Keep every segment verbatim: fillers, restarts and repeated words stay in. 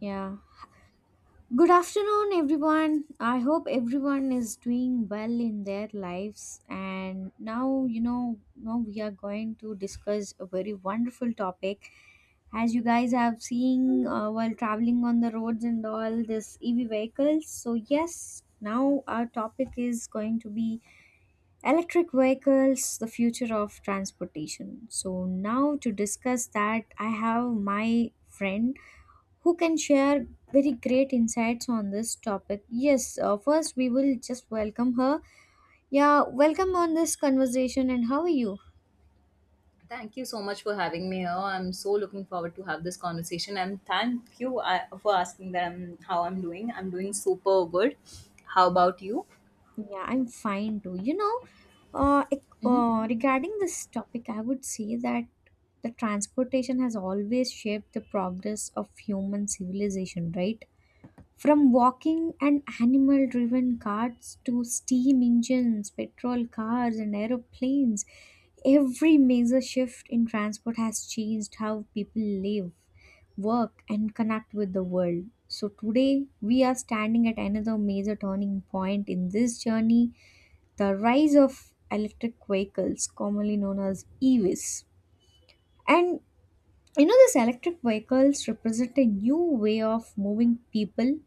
Yeah. Good afternoon, everyone. I hope everyone is doing well in their lives. And now, you know, now we are going to discuss a very wonderful topic. As you guys have seen uh, while traveling on the roads and all this E V vehicles. So, yes, now our topic is going to be electric vehicles, the future of transportation. So, now to discuss that, I have my friend who can share very great insights on this topic. Yes, uh, first we will just welcome her. Yeah, welcome on this conversation, and how are you? Thank you so much for having me here. I'm so looking forward to have this conversation and thank you uh, for asking that I'm, how I'm doing. I'm doing super good. How about you? Yeah, I'm fine too. You know, uh, ec- uh, regarding this topic, I would say that the transportation has always shaped the progress of human civilization, right? From walking and animal driven carts to steam engines, petrol cars, and aeroplanes, every major shift in transport has changed how people live, work, and connect with the world. So, today we are standing at another major turning point in this journey, the rise of electric vehicles, commonly known as E Vs. And you know, these electric vehicles represent a new way of moving people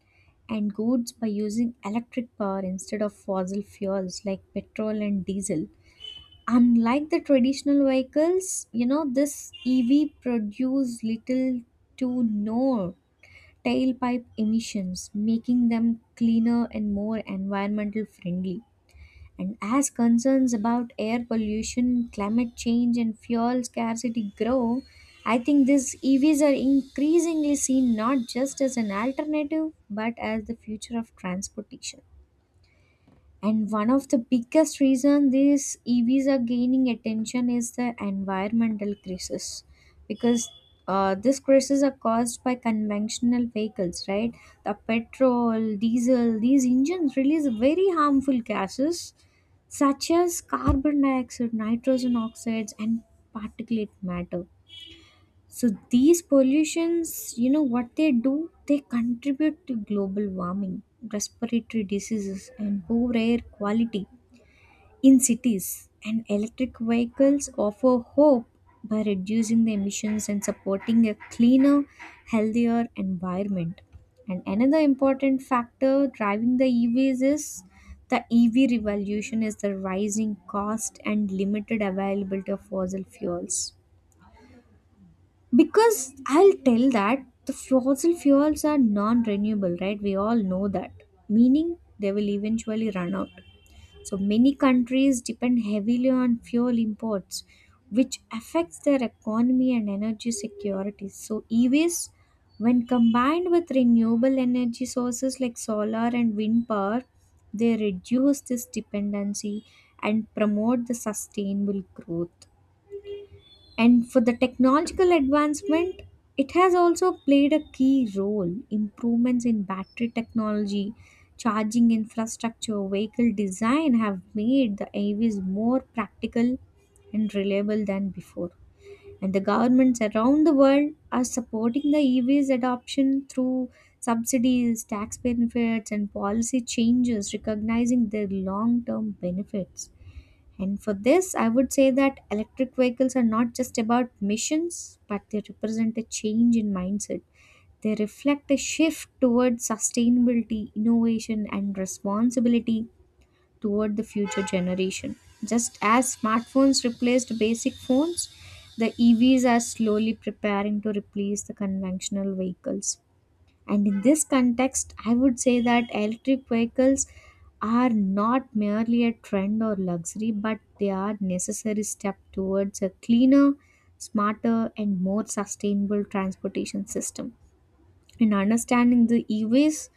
and goods by using electric power instead of fossil fuels like petrol and diesel. Unlike the traditional vehicles, you know, this E V produce little to no tailpipe emissions, making them cleaner and more environmental friendly. And as concerns about air pollution, climate change, and fuel scarcity grow, I think these E Vs are increasingly seen not just as an alternative but as the future of transportation. And one of the biggest reason these E Vs are gaining attention is the environmental crisis, because uh, these crises are caused by conventional vehicles, right? The petrol, diesel, these engines release very harmful gases such as carbon dioxide, nitrogen oxides, and particulate matter. So these pollutions, you know what they do? They contribute to global warming, respiratory diseases, and poor air quality in cities. And electric vehicles offer hope by reducing the emissions and supporting a cleaner, healthier environment. And another important factor driving the E Vs is the E V revolution is the rising cost and limited availability of fossil fuels, because I'll tell that the fossil fuels are non renewable, right? We all know that, meaning they will eventually run out. So many countries depend heavily on fuel imports, which affects their economy and energy security. So, E Vs, when combined with renewable energy sources like solar and wind power, they reduce this dependency and promote the sustainable growth. And for the technological advancement, it has also played a key role. Improvements in battery technology, charging infrastructure, vehicle design have made the A Vs more practical and reliable than before. And the governments around the world are supporting the E Vs adoption through subsidies, tax benefits, and policy changes, recognizing their long term benefits. And for this, I would say that electric vehicles are not just about missions, but they represent a change in mindset. They reflect a shift towards sustainability, innovation, and responsibility toward the future generation. Just as smartphones replaced basic phones, the E Vs are slowly preparing to replace the conventional vehicles. And in this context, I would say that electric vehicles are not merely a trend or luxury, but they are necessary step towards a cleaner, smarter, and more sustainable transportation system. In understanding the E Vs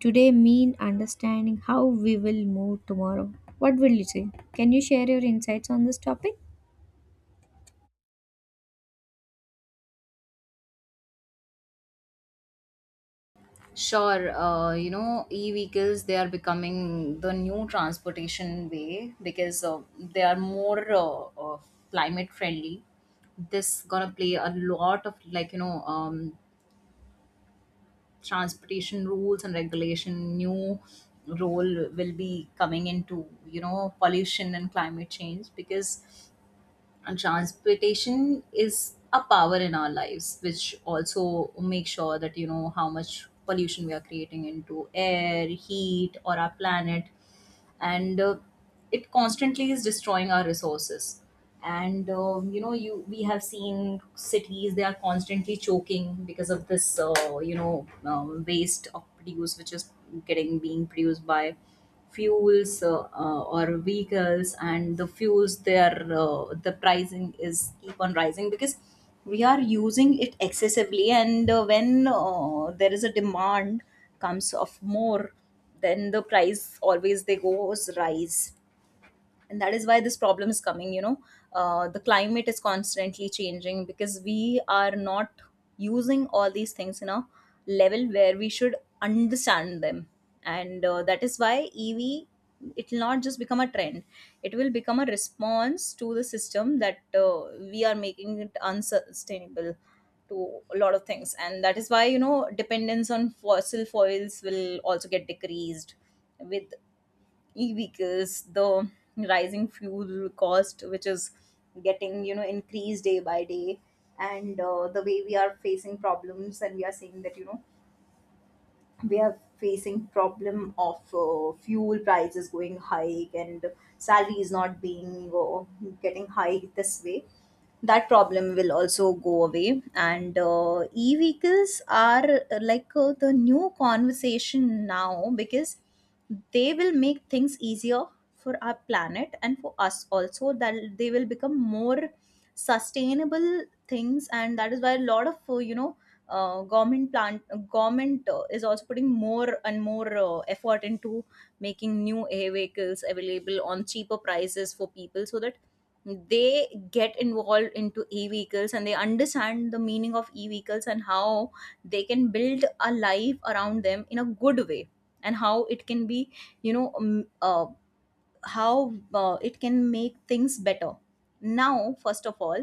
today mean understanding how we will move tomorrow. What will you say? Can you share your insights on this topic? Sure, uh, you know, e-vehicles, they are becoming the new transportation way because uh, they are more uh, uh, climate friendly. This gonna play a lot of like, you know, um, transportation rules and regulation new role will be coming into you know pollution and climate change because and transportation is a power in our lives, which also makes sure that you know how much pollution we are creating into air, heat, or our planet, and uh, it constantly is destroying our resources. And uh, you know, you we have seen cities they are constantly choking because of this, uh, you know, um, waste of produce which is getting being produced by fuels uh, uh, or vehicles and the fuels their uh, the pricing is keep on rising because we are using it excessively and uh, when uh, there is a demand comes of more then the price always they goes rise and that is why this problem is coming you know uh, the climate is constantly changing because we are not using all these things in a level where we should understand them and uh, that is why EV it will not just become a trend, it will become a response to the system that uh, we are making it unsustainable to a lot of things, and that is why you know dependence on fossil fuels will also get decreased with e-vehicles, the rising fuel cost which is getting you know increased day by day. And uh, the way we are facing problems and we are seeing that you know we are facing problem of uh, fuel prices going hike and salary is not being uh, getting high this way, that problem will also go away. And uh, e-vehicles are uh, like uh, the new conversation now because they will make things easier for our planet and for us also, that they will become more sustainable things. And that is why a lot of uh, you know uh, government plant uh, government uh, is also putting more and more uh, effort into making new air vehicles available on cheaper prices for people, so that they get involved into e-vehicles and they understand the meaning of e-vehicles and how they can build a life around them in a good way, and how it can be you know um, uh, how uh, it can make things better. Now first of all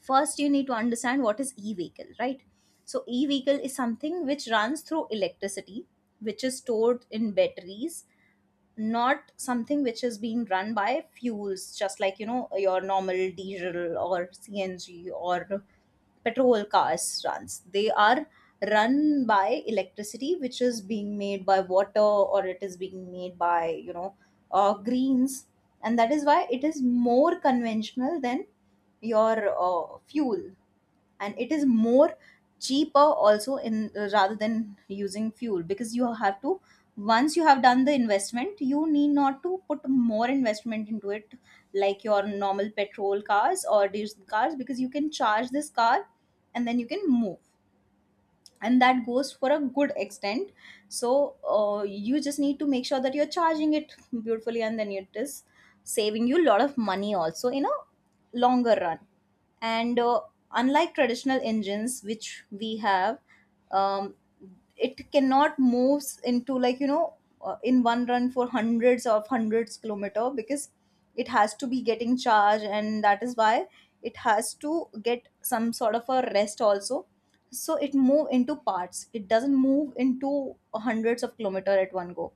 first you need to understand what is e-vehicle, right? So e-vehicle is something which runs through electricity, which is stored in batteries, not something which is being run by fuels just like you know your normal diesel or CNG or petrol cars runs. They are run by electricity which is being made by water or it is being made by you know uh, greens, and that is why it is more conventional than your uh, fuel. And it is more cheaper also in uh, rather than using fuel, because you have to, once you have done the investment you need not to put more investment into it like your normal petrol cars or diesel cars, because you can charge this car and then you can move, and that goes for a good extent. So uh, you just need to make sure that you're charging it beautifully and then it is saving you a lot of money also in a longer run. And uh, unlike traditional engines which we have, um, it cannot move into like you know uh, in one run for hundreds of hundreds kilometer, because it has to be getting charged and that is why it has to get some sort of a rest also. So it move into parts, it doesn't move into hundreds of kilometer at one go.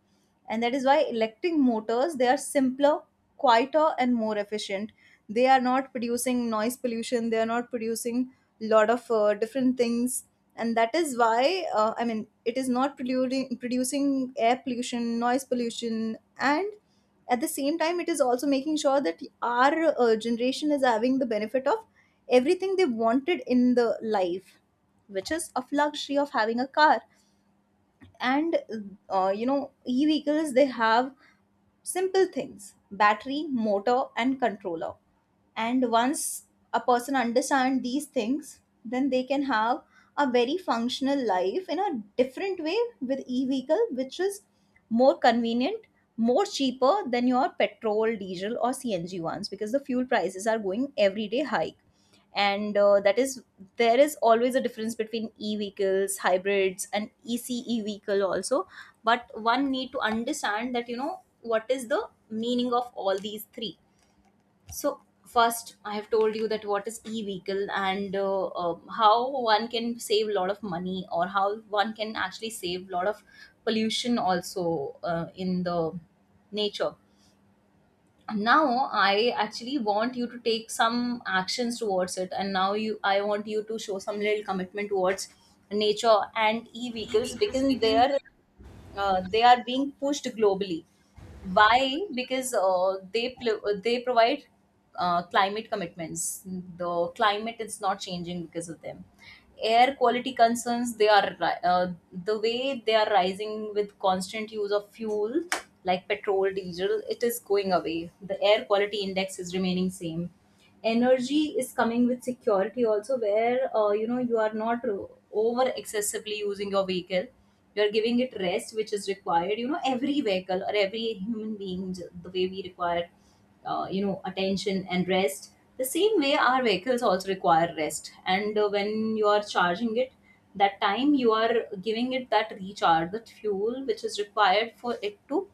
And that is why electric motors, they are simpler, quieter and more efficient. They are not producing noise pollution, they are not producing lot of uh, different things. And that is why uh, I mean it is not producing producing air pollution, noise pollution, and at the same time it is also making sure that our uh, generation is having the benefit of everything they wanted in the life, which is of luxury of having a car. And uh, you know e-vehicles they have simple things: battery, motor and controller. And once a person understand these things, then they can have a very functional life in a different way with e-vehicle which is more convenient, more cheaper than your petrol, diesel or CNG ones, because the fuel prices are going everyday hike. And uh, that is, there is always a difference between e-vehicles, hybrids and ECE vehicle also, but one need to understand that you know what is the meaning of all these three. So first, I have told you that what is e-vehicle and uh, uh, how one can save a lot of money or how one can actually save a lot of pollution also uh, in the nature. Now I actually want you to take some actions towards it, and now you I want you to show some little commitment towards nature and e-vehicles, because they are uh, they are being pushed globally. Why? Because uh, they pl- uh, they provide uh, climate commitments. The climate is not changing because of them. Air quality concerns, they are ri- uh, the way they are rising with constant use of fuel like petrol, diesel. It is going away. The air quality index is remaining same. Energy is coming with security also, where uh, you know you are not over excessively using your vehicle, you're giving it rest which is required. You know every vehicle or every human being j- the way we require uh, you know attention and rest, the same way our vehicles also require rest. And uh, when you are charging it, that time you are giving it that recharge, that fuel which is required for it to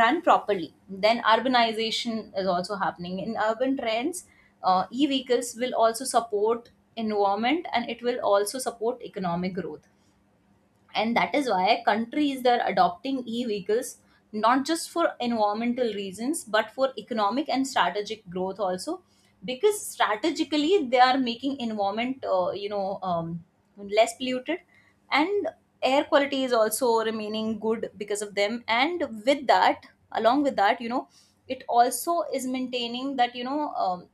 run properly. Then urbanization is also happening in urban trends, uh, e-vehicles will also support environment and it will also support economic growth. And that is why countries they're adopting e-vehicles not just for environmental reasons but for economic and strategic growth also, because strategically they are making environment uh, you know um, less polluted. And air quality is also remaining good because of them, and with that, along with that, you know it also is maintaining that you know um,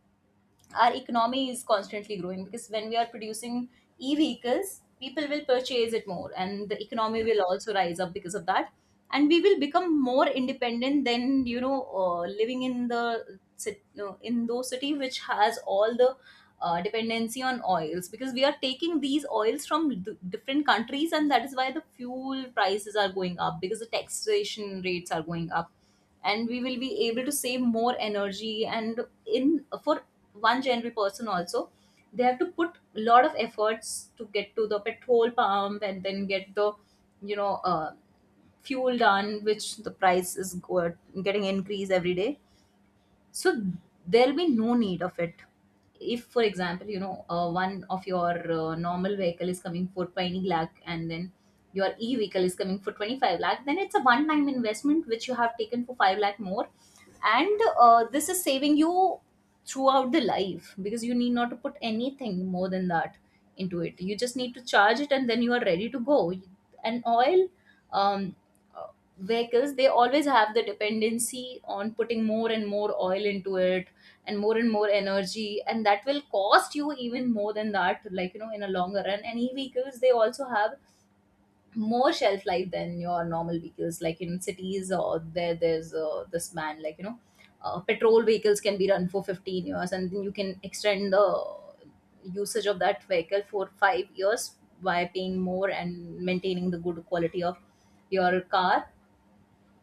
our economy is constantly growing, because when we are producing e-vehicles, people will purchase it more and the economy will also rise up because of that. And we will become more independent than you know uh, living in the cit- no, in those city which has all the uh, dependency on oils, because we are taking these oils from d- different countries, and that is why the fuel prices are going up because the taxation rates are going up. And we will be able to save more energy. And in, for one general person also, they have to put a lot of efforts to get to the petrol pump and then get the you know uh, fuel done, which the price is go- getting increased every day. So there'll be no need of it. If for example you know uh, one of your uh, normal vehicle is coming for twenty lakh and then your e vehicle is coming for twenty-five lakh, then it's a one time investment which you have taken for five lakh more, and uh, this is saving you throughout the life, because you need not to put anything more than that into it, you just need to charge it and then you are ready to go. And oil um, vehicles they always have the dependency on putting more and more oil into it and more and more energy, and that will cost you even more than that like you know in a longer run. And e-vehicles they also have more shelf life than your normal vehicles. Like in cities or there there's uh, this man like you know uh, petrol vehicles can be run for fifteen years, and then you can extend the usage of that vehicle for five years by paying more and maintaining the good quality of your car.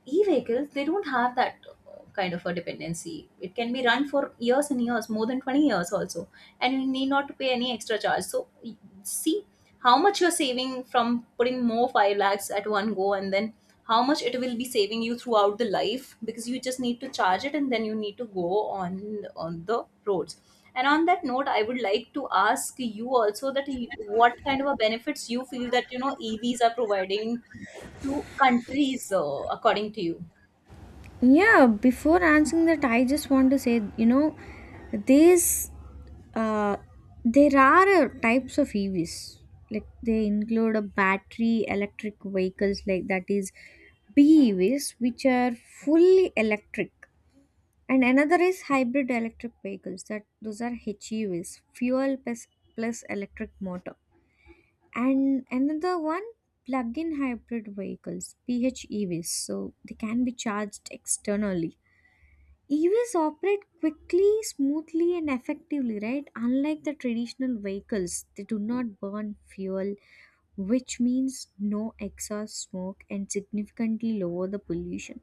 E-vehicles, they don't have that uh, kind of a dependency, it can be run for years and years, more than twenty years also, and you need not to pay any extra charge. So y- see how much you're saving from putting more five lakhs at one go, and then how much it will be saving you throughout the life, because you just need to charge it and then you need to go on on the roads. And on that note, I would like to ask you also that you, what kind of a benefits you feel that you know E Vs are providing two countries, uh, according to you? Yeah, before answering that, I just want to say, you know, these uh, there are uh, types of E Vs. Like they include a battery electric vehicles, like that is B E Vs, which are fully electric, and another is hybrid electric vehicles. That those are H E Vs, fuel plus plus electric motor, and another one plug-in hybrid vehicles, P H E Vs. So they can be charged externally. E Vs operate quickly, smoothly, and effectively, right? Unlike the traditional vehicles, they do not burn fuel, which means no exhaust smoke and significantly lower the pollution.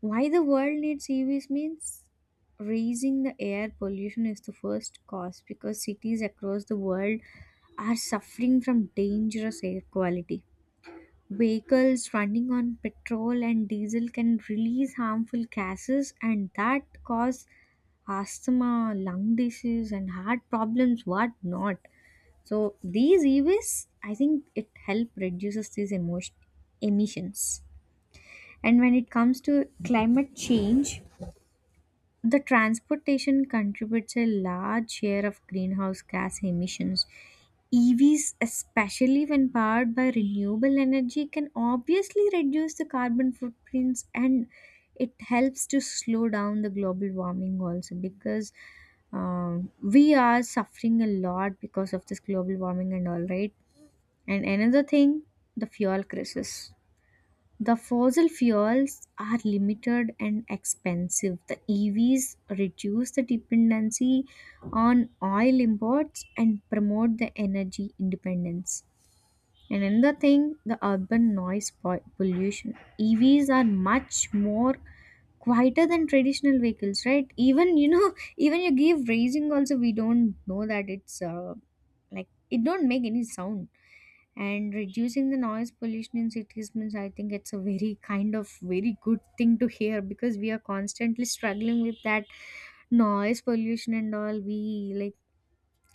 Why the world needs E Vs means raising the air pollution is the first cause because cities across the world are suffering from dangerous air quality. Vehicles running on petrol and diesel can release harmful gases, and that cause asthma, lung disease, and heart problems, what not. So these e-waste, I think it help reduces these emotion emissions. And when it comes to climate change, the transportation contributes a large share of greenhouse gas emissions. E Vs, especially when powered by renewable energy, can obviously reduce the carbon footprints, and it helps to slow down the global warming also because um, we are suffering a lot because of this global warming and all, right. And another thing, the fuel crisis. The fossil fuels are limited and expensive. The E Vs reduce the dependency on oil imports and promote the energy independence. And another thing, the urban noise po- pollution. E Vs are much more quieter than traditional vehicles, right? Even you know, even you give raising also, we don't know that it's uh, like it don't make any sound, and reducing the noise pollution in cities means I think it's a very kind of very good thing to hear because we are constantly struggling with that noise pollution and all. We like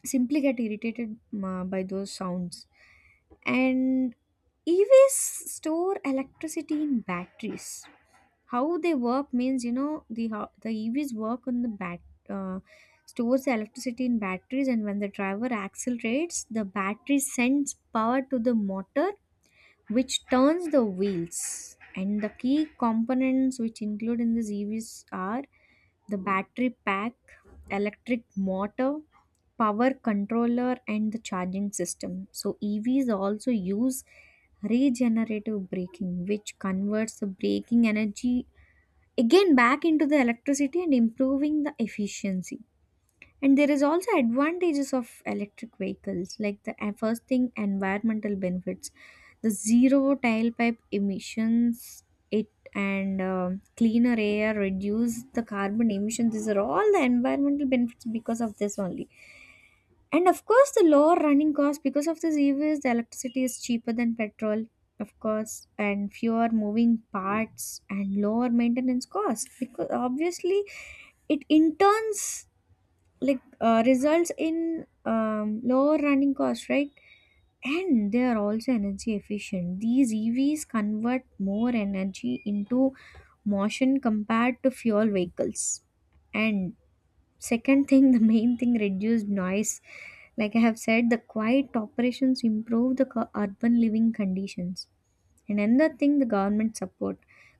simply get irritated uh, by those sounds. And EVs store electricity in batteries. How they work means, you know the ho- the evs work on the bat uh, stores the electricity in batteries, and when the driver accelerates, the battery sends power to the motor which turns the wheels. And the key components which include in these E Vs are the battery pack, electric motor, power controller, and the charging system. So, E Vs also use regenerative braking, which converts the braking energy again back into the electricity and improving the efficiency. And there is also advantages of electric vehicles, like the uh, first thing, environmental benefits, the zero tailpipe emissions, it and um cleaner air, reduce the carbon emissions. These are all the environmental benefits because of this only. And of course, the lower running cost because of this E Vs, the electricity is cheaper than petrol. Of course, and fewer moving parts and lower maintenance costs because obviously it in turns like uh, results in um, lower running costs, right. And they are also energy efficient. These EVs convert more energy into motion compared to fuel vehicles. And second thing, the main thing, reduced noise, like I have said. The quiet operations improve the co- urban living conditions. And another thing, the government support.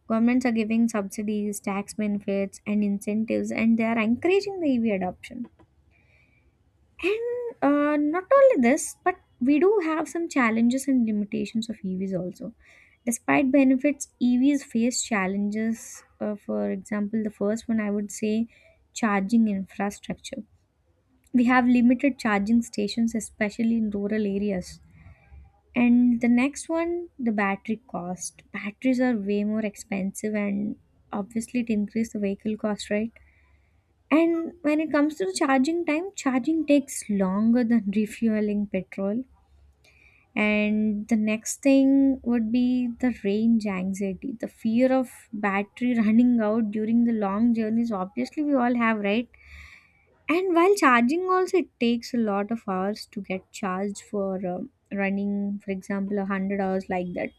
Governments are giving subsidies, tax benefits, and incentives, and they are encouraging the EV adoption. And uh, not only this, but we do have some challenges and limitations of E Vs also. Despite benefits, E Vs face challenges. Uh, for example, the first one I would say, charging infrastructure. We have limited charging stations, especially in rural areas. And the next one, the battery cost. Batteries are way more expensive, and obviously, it increases the vehicle cost, right? And when it comes to the charging time, charging takes longer than refueling petrol. And the next thing would be the range anxiety, the fear of battery running out during the long journeys. Obviously, we all have, right? And while charging, also it takes a lot of hours to get charged for um running, for example, a hundred hours like that.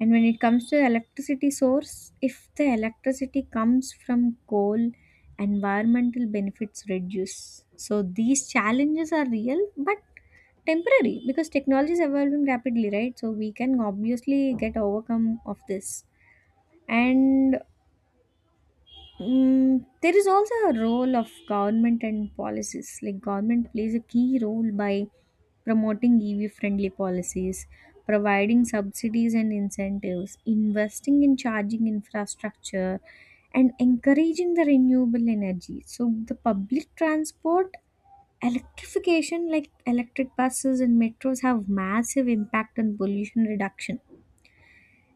And when it comes to electricity source, if the electricity comes from coal, environmental benefits reduce. So these challenges are real but temporary because technology is evolving rapidly, right? So we can obviously get overcome of this. And mm, there is also a role of government and policies. Like government plays a key role by promoting E V friendly policies, providing subsidies and incentives, investing in charging infrastructure, and encouraging the renewable energy. So, the public transport electrification, like electric buses and metros, have massive impact on pollution reduction.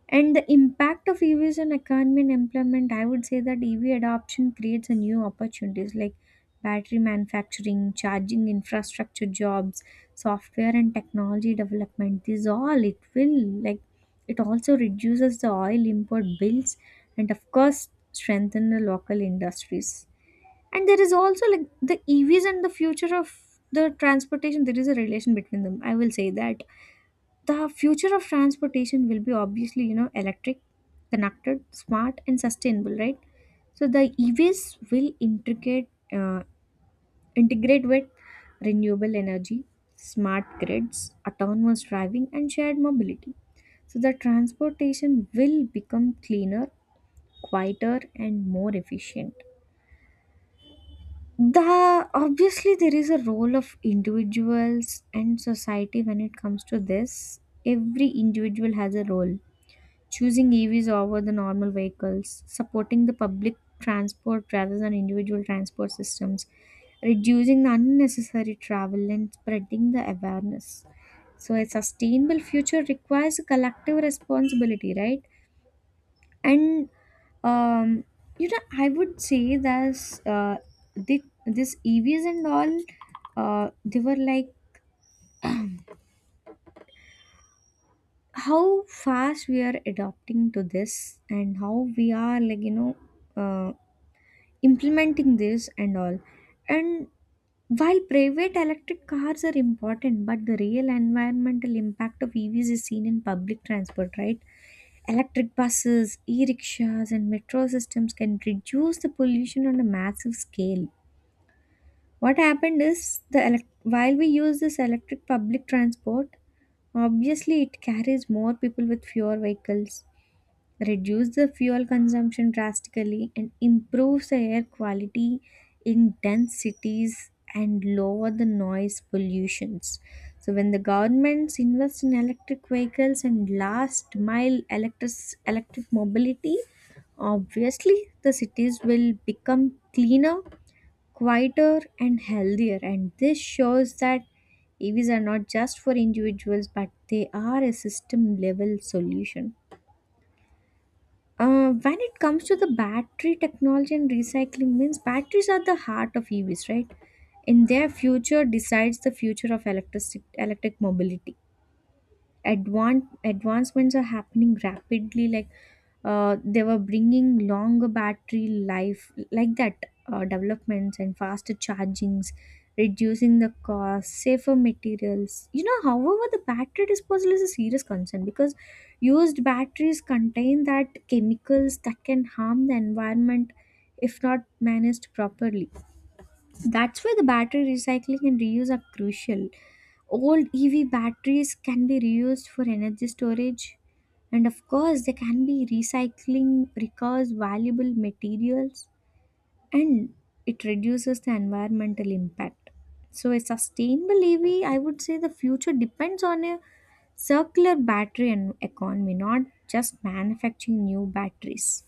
And the impact of E Vs on economy and employment, I would say that E V adoption creates a new opportunities like battery manufacturing, charging infrastructure jobs, software and technology development. These all it will like it also reduces the oil import bills and of course strengthen the local industries. And there is also like the E Vs and the future of the transportation, there is a relation between them. I will say that the future of transportation will be obviously, you know, electric, connected, smart, and sustainable, right? So the E Vs will integrate uh, integrate with renewable energy, smart grids, autonomous driving, and shared mobility. So the transportation will become cleaner, quieter, and more efficient. The obviously there is a role of individuals and society when it comes to this. Every individual has a role: choosing E Vs over the normal vehicles, supporting the public transport rather than individual transport systems, reducing the unnecessary travel, and spreading the awareness. So, a sustainable future requires a collective responsibility, right? And um, you know, I would say that uh, thi- this E Vs and all, uh, they were like how fast we are adopting to this and how we are like you know uh, implementing this and all. And while private electric cars are important, but the real environmental impact of EVs is seen in public transport, right? Electric buses, e-rickshaws, and metro systems can reduce the pollution on a massive scale. What happened is, the elec- while we use this electric public transport, obviously it carries more people with fewer vehicles, reduce the fuel consumption drastically, and improve the air quality in dense cities and lower the noise pollutions. So, when the governments invest in electric vehicles and last mile electric, electric mobility, obviously the cities will become cleaner, quieter, and healthier. And this shows that E Vs are not just for individuals, but they are a system level solution. Uh, when it comes to the battery technology and recycling means batteries are the heart of EVs, right? And their future decides the future of electric electric mobility. Advan- advancements are happening rapidly, like uh, they were bringing longer battery life, like that uh, developments and faster chargings, reducing the cost, safer materials, you know. However, the battery disposal is a serious concern because used batteries contain that chemicals that can harm the environment if not managed properly. That's why the battery recycling and reuse are crucial. Old E V batteries can be reused for energy storage, and of course, they can be recycling recovers valuable materials, and it reduces the environmental impact. So, a sustainable E V, I would say, the future depends on a circular battery and economy, not just manufacturing new batteries.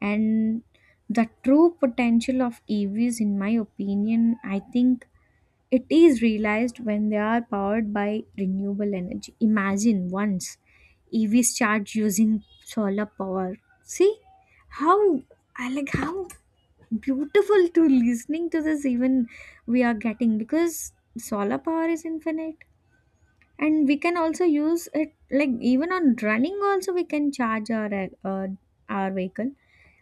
And the true potential of E Vs, in my opinion, I think it is realized when they are powered by renewable energy. Imagine once E Vs charge using solar power. See how I like how beautiful to listening to this even we are getting, because solar power is infinite, and we can also use it like even on running also we can charge our uh, our vehicle.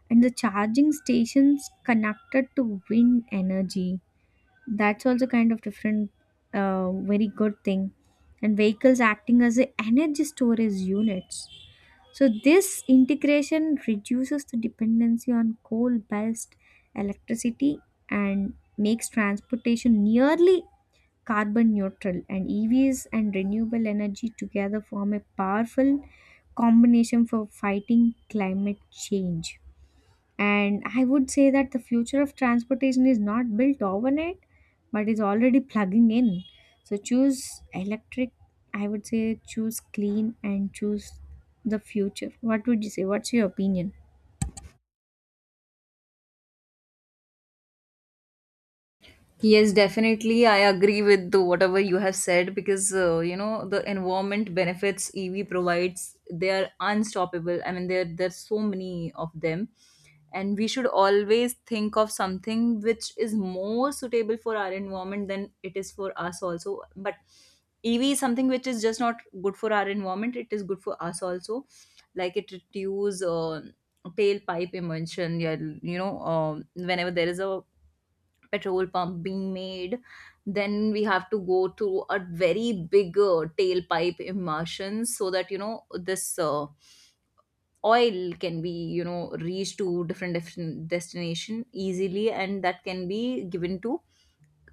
And the charging stations connected to wind energy, that's also kind of different uh, very good thing. And vehicles acting as a energy storage units, so this integration reduces the dependency on coal based electricity and makes transportation nearly carbon neutral. And EVs and renewable energy together form a powerful combination for fighting climate change. And I would say that the future of transportation is not built overnight, but is already plugging in. So choose electric, I would say, choose clean, and choose the future. What would you say? What's your opinion? Yes, definitely. I agree with the, whatever you have said because uh, you know the environment benefits E V provides they are unstoppable. I mean, there there's so many of them, and we should always think of something which is more suitable for our environment than it is for us also. But E V is something which is just not good for our environment. It is good for us also, like it reduces uh, tailpipe emission. Yeah, you know, um, whenever there is a petrol pump being made then we have to go through a very big uh, tailpipe immersion so that you know this uh, oil can be you know reach to different different destination easily and that can be given to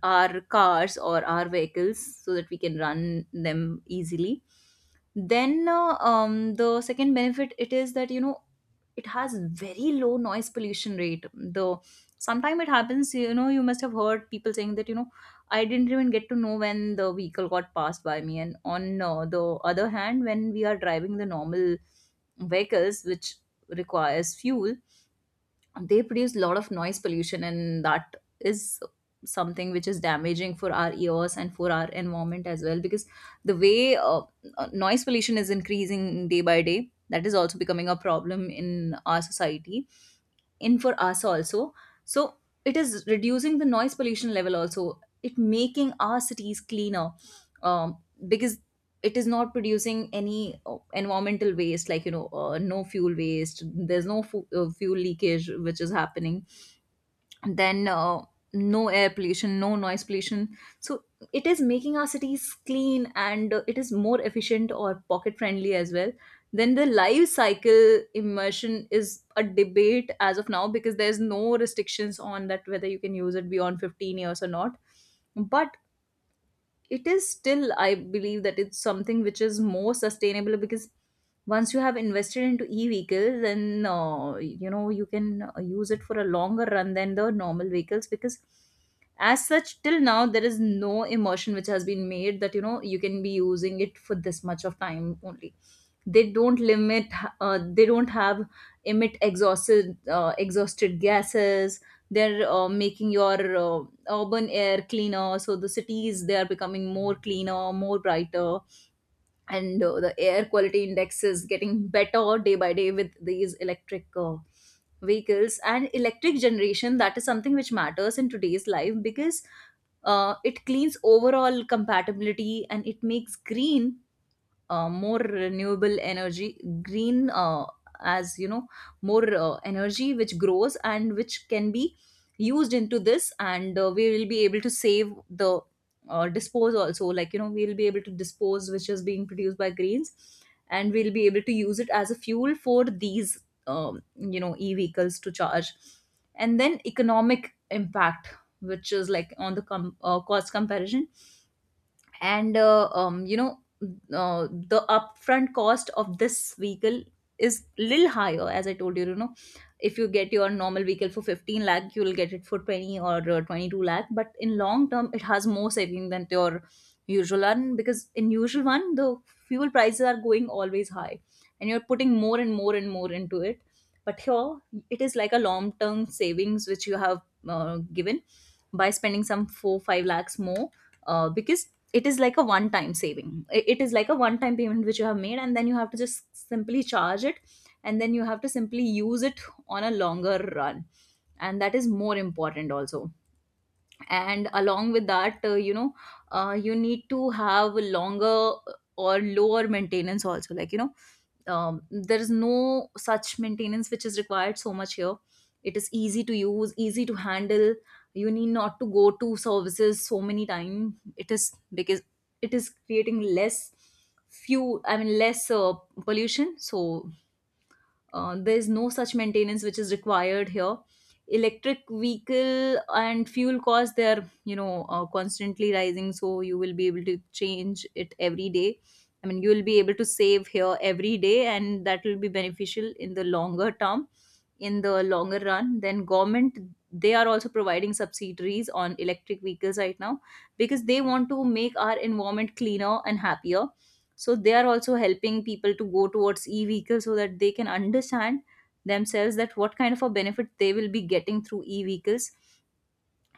our cars or our vehicles so that we can run them easily. Then uh, um, the second benefit it is that you know it has very low noise pollution rate. Though sometime it happens, you know, you must have heard people saying that you know I didn't even get to know when the vehicle got passed by me, and on uh, the other hand when we are driving the normal vehicles which requires fuel, they produce a lot of noise pollution and that is something which is damaging for our ears and for our environment as well, because the way uh, uh, noise pollution is increasing day by day, that is also becoming a problem in our society, in for us also. So it is reducing the noise pollution level, also it making our cities cleaner, um, because it is not producing any uh, environmental waste, like you know, uh, no fuel waste, there's no fu- uh, fuel leakage which is happening. Then uh, no air pollution, no noise pollution, so it is making our cities clean and uh, it is more efficient or pocket friendly as well. Then the life cycle immersion is a debate as of now because there's no restrictions on that whether you can use it beyond fifteen years or not, but it is still I believe that it's something which is more sustainable because once you have invested into e-vehicles then uh, you know you can uh, use it for a longer run than the normal vehicles, because as such till now there is no immersion which has been made that you know you can be using it for this much of time only. They don't limit, uh, they don't have emit exhausted uh, exhausted gases. They're uh, making your uh, urban air cleaner, so the cities they are becoming more cleaner, more brighter, and uh, the air quality index is getting better day by day with these electric uh, vehicles and electric generation. That is something which matters in today's life because uh, it cleans overall compatibility and it makes green uh, more renewable energy green, uh, as you know, more uh, energy which grows and which can be used into this, and uh, we will be able to save the uh, dispose also, like you know, we'll be able to dispose which is being produced by greens and we'll be able to use it as a fuel for these um, you know e-vehicles to charge. And then economic impact, which is like on the com- uh, cost comparison, and uh, um, you know uh, the upfront cost of this vehicle is little higher, as I told you, you know, if you get your normal vehicle for fifteen lakh you will get it for twenty or uh, twenty-two lakh, but in long term it has more saving than your usual one, because in usual one the fuel prices are going always high and you're putting more and more and more into it. But here it is like a long term savings which you have uh, given by spending some four five lakhs more, uh, because it is like a one time saving. I- it is like a one time payment which you have made and then you have to just simply charge it and then you have to simply use it on a longer run, and that is more important also. And along with that, uh, you know, uh, you need to have longer or lower maintenance also, like you know, um, there is no such maintenance which is required so much here. It is easy to use, easy to handle, you need not to go to services so many time. It is because it is creating less, few I mean less uh, pollution, so uh, there is no such maintenance which is required here. Electric vehicle and fuel costs they are, you know, uh, constantly rising, so you will be able to change it every day. I mean, you will be able to save here every day, and that will be beneficial in the longer term, in the longer run. Then government, they are also providing subsidiaries on electric vehicles right now because they want to make our environment cleaner and happier, so they are also helping people to go towards e-vehicles so that they can understand themselves that what kind of a benefit they will be getting through e-vehicles,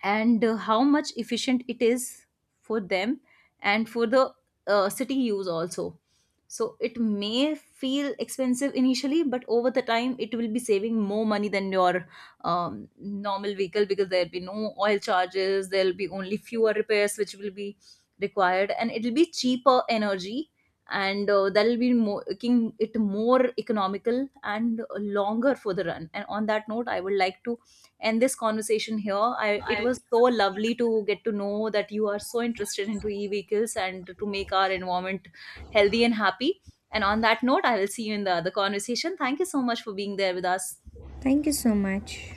and uh, how much efficient it is for them and for the uh, city use also. So it may feel expensive initially, but over the time it will be saving more money than your um, normal vehicle, because there'll be no oil charges, there'll be only fewer repairs which will be required, and it'll be cheaper energy, and uh, that'll be mo- making it more economical and longer for the run. And on that note I would like to, and this conversation here I, it I was so lovely to get to know that you are so interested into e-vehicles and to make our environment healthy and happy. And on that note I will see you in the other conversation. Thank you so much for being there with us. Thank you so much.